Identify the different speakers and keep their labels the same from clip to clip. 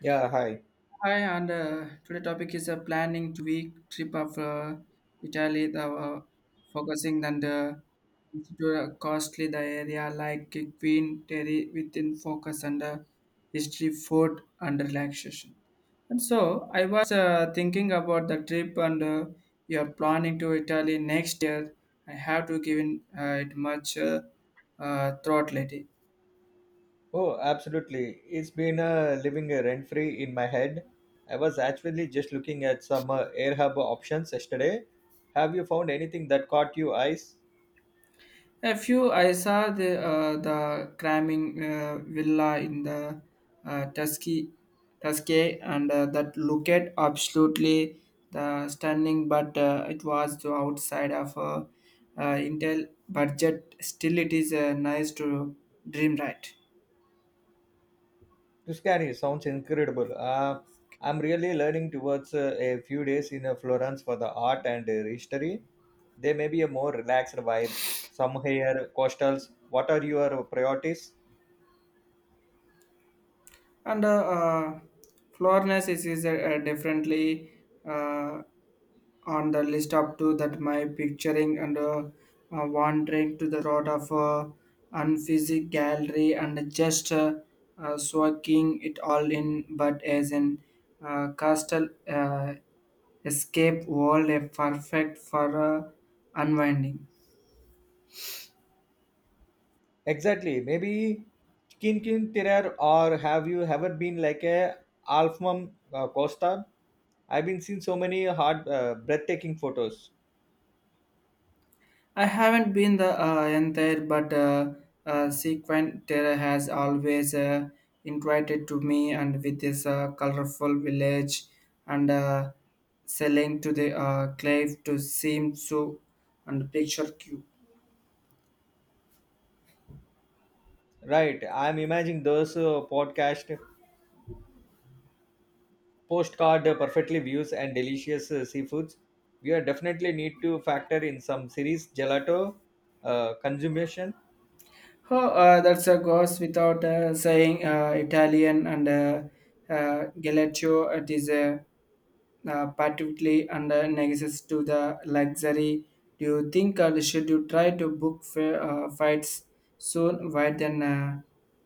Speaker 1: Yeah, hi.
Speaker 2: Hi, and today topic is a planning to week trip of Italy. The focusing on the institute costly the area like Queen Terry within focus and history, food and relaxation. And so I was thinking about the trip and you are planning to Italy next year. I have to give in, it much thought lately.
Speaker 1: Oh, absolutely. It's been living rent free in my head. I was actually just looking at some AirHub options yesterday. Have you found anything that caught your eyes?
Speaker 2: A few I saw the the cramming villa in the Tusky Tuscay and that looked absolutely the stunning, but it was the outside of Intel budget. Still, it is nice to dream right.
Speaker 1: Tuscany sounds incredible. I'm really learning towards a few days in Florence for the art and history. There may be a more relaxed vibe. Some here, coastals. What are your priorities?
Speaker 2: And Florence is definitely uh, on the list up to that my picturing and wandering to the road of unphysic gallery and just soaking it all in but as an castle escape world a perfect for unwinding.
Speaker 1: Exactly. Maybe Kin Kin Tirar or have you ever been like a Alfmum Costa? I've been seeing so many breathtaking photos.
Speaker 2: I haven't been the entire, but sequent terror has always invited to me, and with this colorful village and selling to the cliff to seem so and picture cube.
Speaker 1: Right. I'm imagining those podcast postcard perfectly views and delicious seafoods. We are definitely need to factor in some series gelato consumption.
Speaker 2: Oh, that's a goes without saying Italian and Galaccio. It is a particularly under negotiations to the luxury. Do you think should you try to book fights soon rather than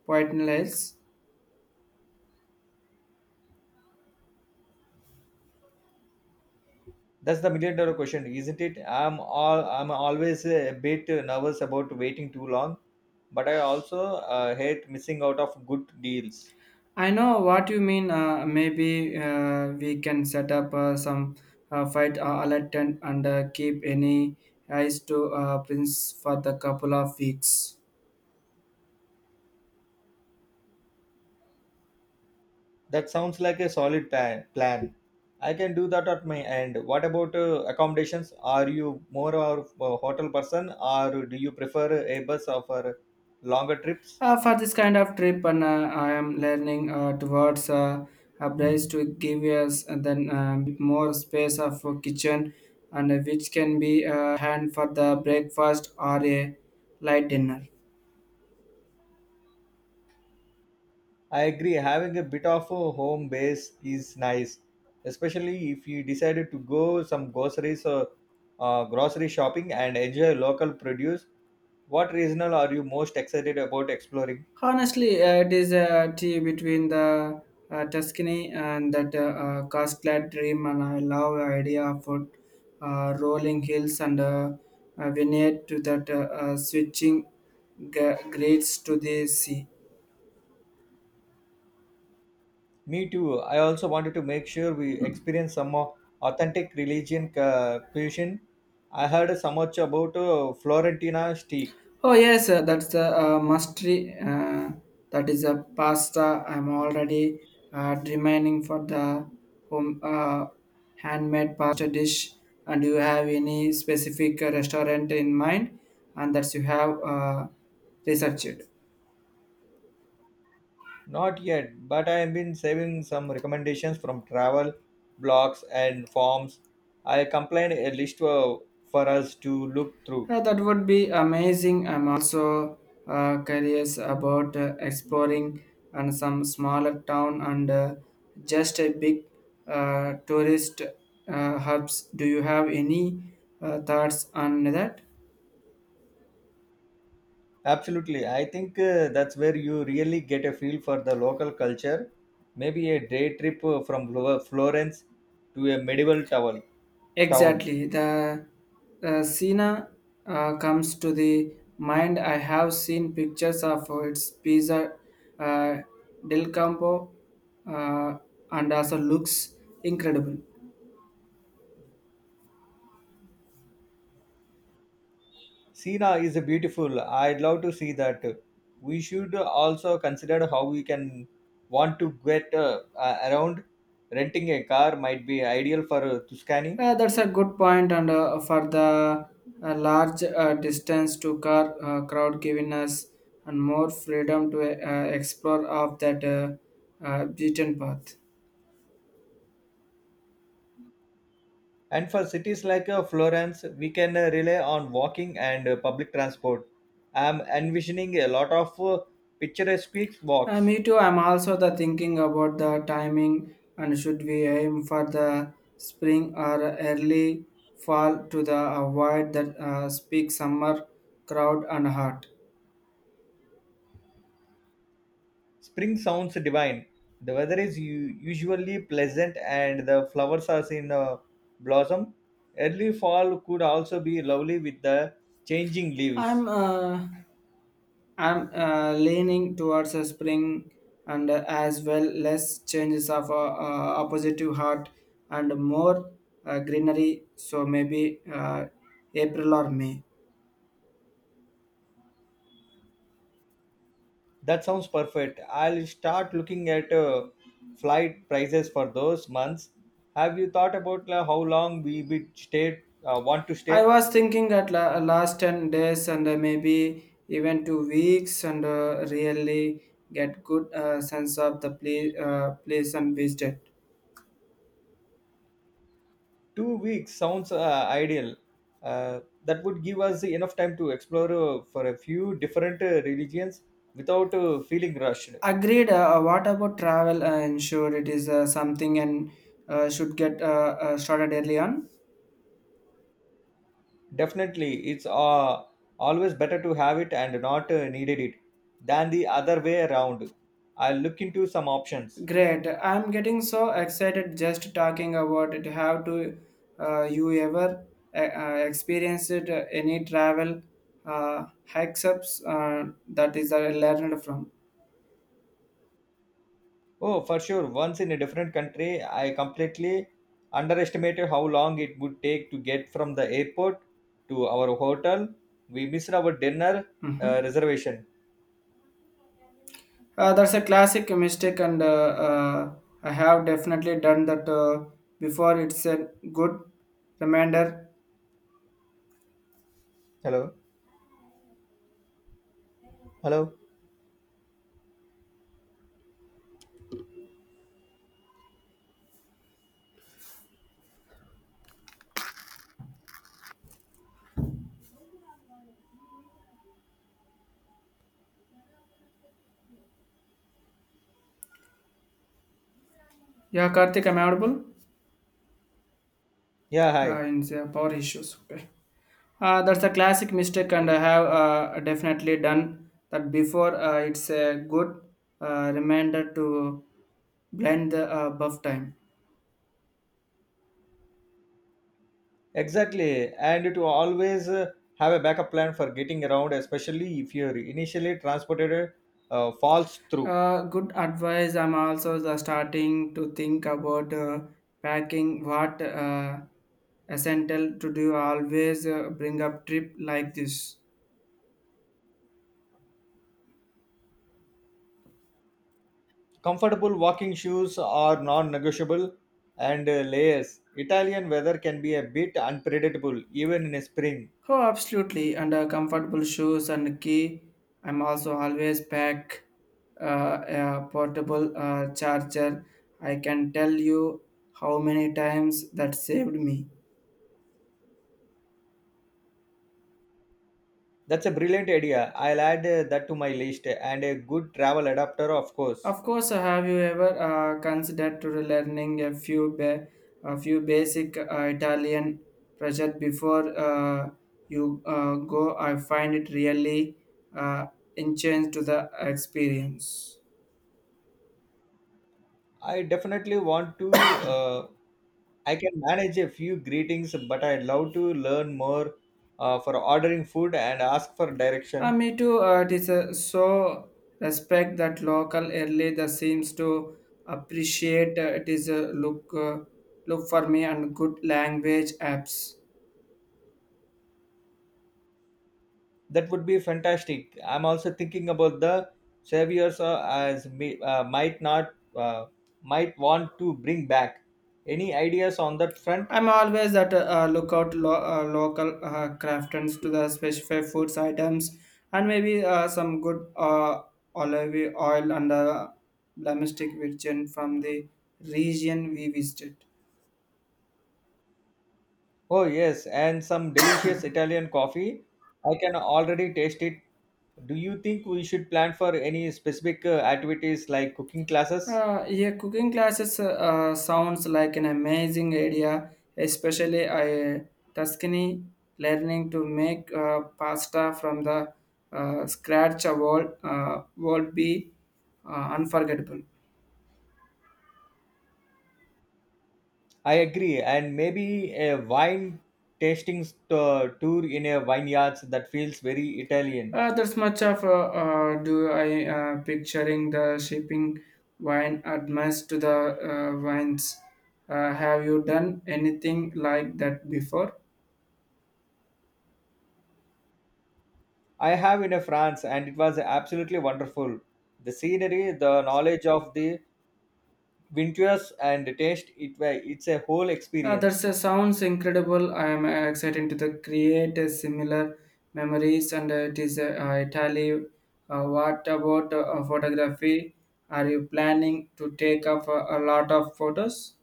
Speaker 2: pointless?
Speaker 1: That's the million dollar question, isn't it? I'm always a bit nervous about waiting too long, but I also hate missing out of good deals.
Speaker 2: I know what you mean. Maybe we can set up some fight alert and keep any eyes to Prince for the couple of weeks.
Speaker 1: That sounds like a solid plan. I can do that at my end. What about accommodations? Are you more of a hotel person, or do you prefer a bus or for longer trips?
Speaker 2: For this kind of trip, and I am learning towards a place to give us and then bit more space of a kitchen, and which can be hand for the breakfast or a light dinner.
Speaker 1: I agree. Having a bit of a home base is nice, especially if you decided to go some groceries or grocery shopping and enjoy local produce. What regional are you most excited about exploring?
Speaker 2: Honestly, it is a tea between the Tuscany and that Cascade dream, and I love the idea of rolling hills and a vineyard to that switching grades to the sea.
Speaker 1: Me too. I also wanted to make sure we experience some more authentic religion cuisine. I heard so much about Florentina steak.
Speaker 2: Oh yes, that's the mastery. That is a pasta. I'm already remaining for the home handmade pasta dish. And do you have any specific restaurant in mind? And that you have researched.
Speaker 1: Not yet, but I have been saving some recommendations from travel blogs and forums. I compiled a list for us to look through.
Speaker 2: Yeah, that would be amazing. I'm also curious about exploring and some smaller town and just a big tourist hubs. Do you have any thoughts on that?
Speaker 1: Absolutely, I think that's where you really get a feel for the local culture. Maybe a day trip from Florence to a medieval tower, town.
Speaker 2: Exactly. The Sina comes to the mind. I have seen pictures of its pizza uh, del campo uh, and also looks incredible.
Speaker 1: Sina is beautiful. I'd love to see that. We should also consider how we can want to get around. Renting a car might be ideal for Tuscany.
Speaker 2: That's a good point, and for the large distance to car crowd, giving us and more freedom to explore of that beaten path.
Speaker 1: And for cities like Florence, we can rely on walking and public transport. I'm envisioning a lot of picturesque walks.
Speaker 2: Me too. I'm also the thinking about the timing and should we aim for the spring or early fall to the avoid that peak summer crowd and heart.
Speaker 1: Spring sounds divine. The weather is usually pleasant and the flowers are in blossom. Early fall could also be lovely with the changing leaves.
Speaker 2: I'm uh, I'm leaning towards a spring and as well less changes of oppositive heart and more greenery. So maybe April or May.
Speaker 1: That sounds perfect. I'll start looking at flight prices for those months. Have you thought about how long we would want to
Speaker 2: I
Speaker 1: stay?
Speaker 2: was thinking at last 10 days and maybe even 2 weeks and really get good sense of the place, place and visited.
Speaker 1: 2 weeks sounds ideal. Uh, that would give us enough time to explore for a few different religions without feeling rushed.
Speaker 2: Agreed. What about travel? And sure it is something and should get started early on.
Speaker 1: Definitely, it's always better to have it and not needed it than the other way around. I'll look into some options.
Speaker 2: Great. I'm getting so excited just talking about it. Have to you ever experienced it, any travel hacks ups that is learned from?
Speaker 1: Oh, for sure. Once in a different country, I completely underestimated how long it would take to get from the airport to our hotel. We missed our dinner
Speaker 2: Hmm.
Speaker 1: reservation.
Speaker 2: That's a classic mistake, and I have definitely done that before. It's a good reminder.
Speaker 1: Hello? Hello?
Speaker 2: Yeah, Karthik, am I audible.
Speaker 1: Yeah, hi.
Speaker 2: Yeah, in the power issues. Okay. That's a classic mistake, and I
Speaker 1: Okay.
Speaker 2: have definitely done that before. It's a good reminder to blend the buff time.
Speaker 1: Exactly. And to always have a backup plan for getting around, especially if you're initially transported falls through.
Speaker 2: Good advice. I'm also the starting to think about packing what essential to do. Always bring up trip like this.
Speaker 1: Comfortable walking shoes are non negotiable and layers. Italian weather can be a bit unpredictable even in spring.
Speaker 2: Oh, absolutely. And comfortable shoes and key. I'm also always pack uh, a portable charger. I can tell you how many times that saved me.
Speaker 1: That's a brilliant idea. I'll add that to my list and a good travel adapter, of course.
Speaker 2: Of course, have you ever considered to learning a few basic Italian project before you go? I find it really uh, enhanced to the experience.
Speaker 1: I definitely want to. Uh, I can manage a few greetings, but I'd love to learn more for ordering food and ask for direction.
Speaker 2: Me too. It is so respect that local early that seems to appreciate. It is a look look for me and good language apps.
Speaker 1: That would be fantastic. I'm also thinking about the saviors might not might want to bring back. Any ideas on that front?
Speaker 2: I'm always at a lookout local craftons to the specific foods items and maybe some good olive oil and domestic virgin from the region we visited.
Speaker 1: Oh yes, and some delicious Italian coffee. I can already taste it. Do you think we should plan for any specific activities like cooking classes?
Speaker 2: Yeah, cooking classes sounds like an amazing idea, especially I Tuscany learning to make pasta from the scratch will would be unforgettable.
Speaker 1: I agree, and maybe a wine tasting tour in a vineyards that feels very Italian.
Speaker 2: That's much of do I picturing the shipping wine advice to the wines. Have you done anything like that before?
Speaker 1: I have in a France, and it was absolutely wonderful. The scenery, the knowledge of the winters and the taste, it's a whole
Speaker 2: That
Speaker 1: experience.
Speaker 2: sounds incredible. I am excited to the create similar memories, and it is Italy. What about photography? Are you planning to take up a lot of photos?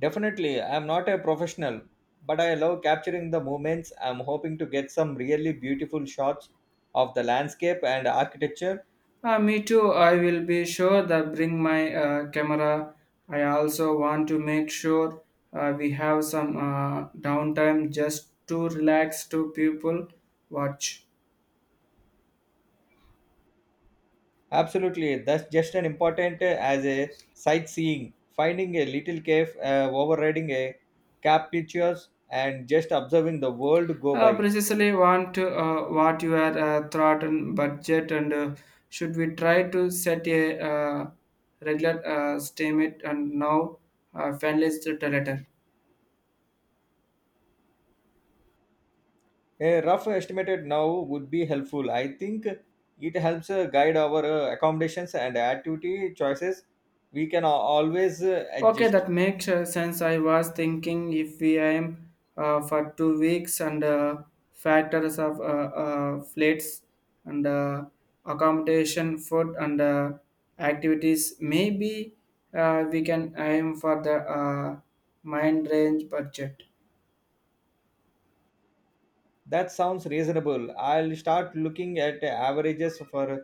Speaker 1: Definitely, I'm not a professional, but I love capturing the moments. I'm hoping to get some really beautiful shots of the landscape and architecture.
Speaker 2: Me too. I will be sure that bring my camera. I also want to make sure we have some downtime just to relax to people watch.
Speaker 1: Absolutely, that's just an important as a sightseeing. Finding a little cave, overriding a cap pictures, and just observing the world go by.
Speaker 2: Precisely want to, what your thought and budget and should we try to set a regular statement and now finalize it later.
Speaker 1: A rough estimated now would be helpful. I think it helps guide our accommodations and activity choices. We can always
Speaker 2: Okay,
Speaker 1: adjust.
Speaker 2: that makes sense. I was thinking if we aim for 2 weeks and factors of flights and accommodation, food and activities, maybe we can aim for the mind range budget.
Speaker 1: That sounds reasonable. I'll start looking at averages for.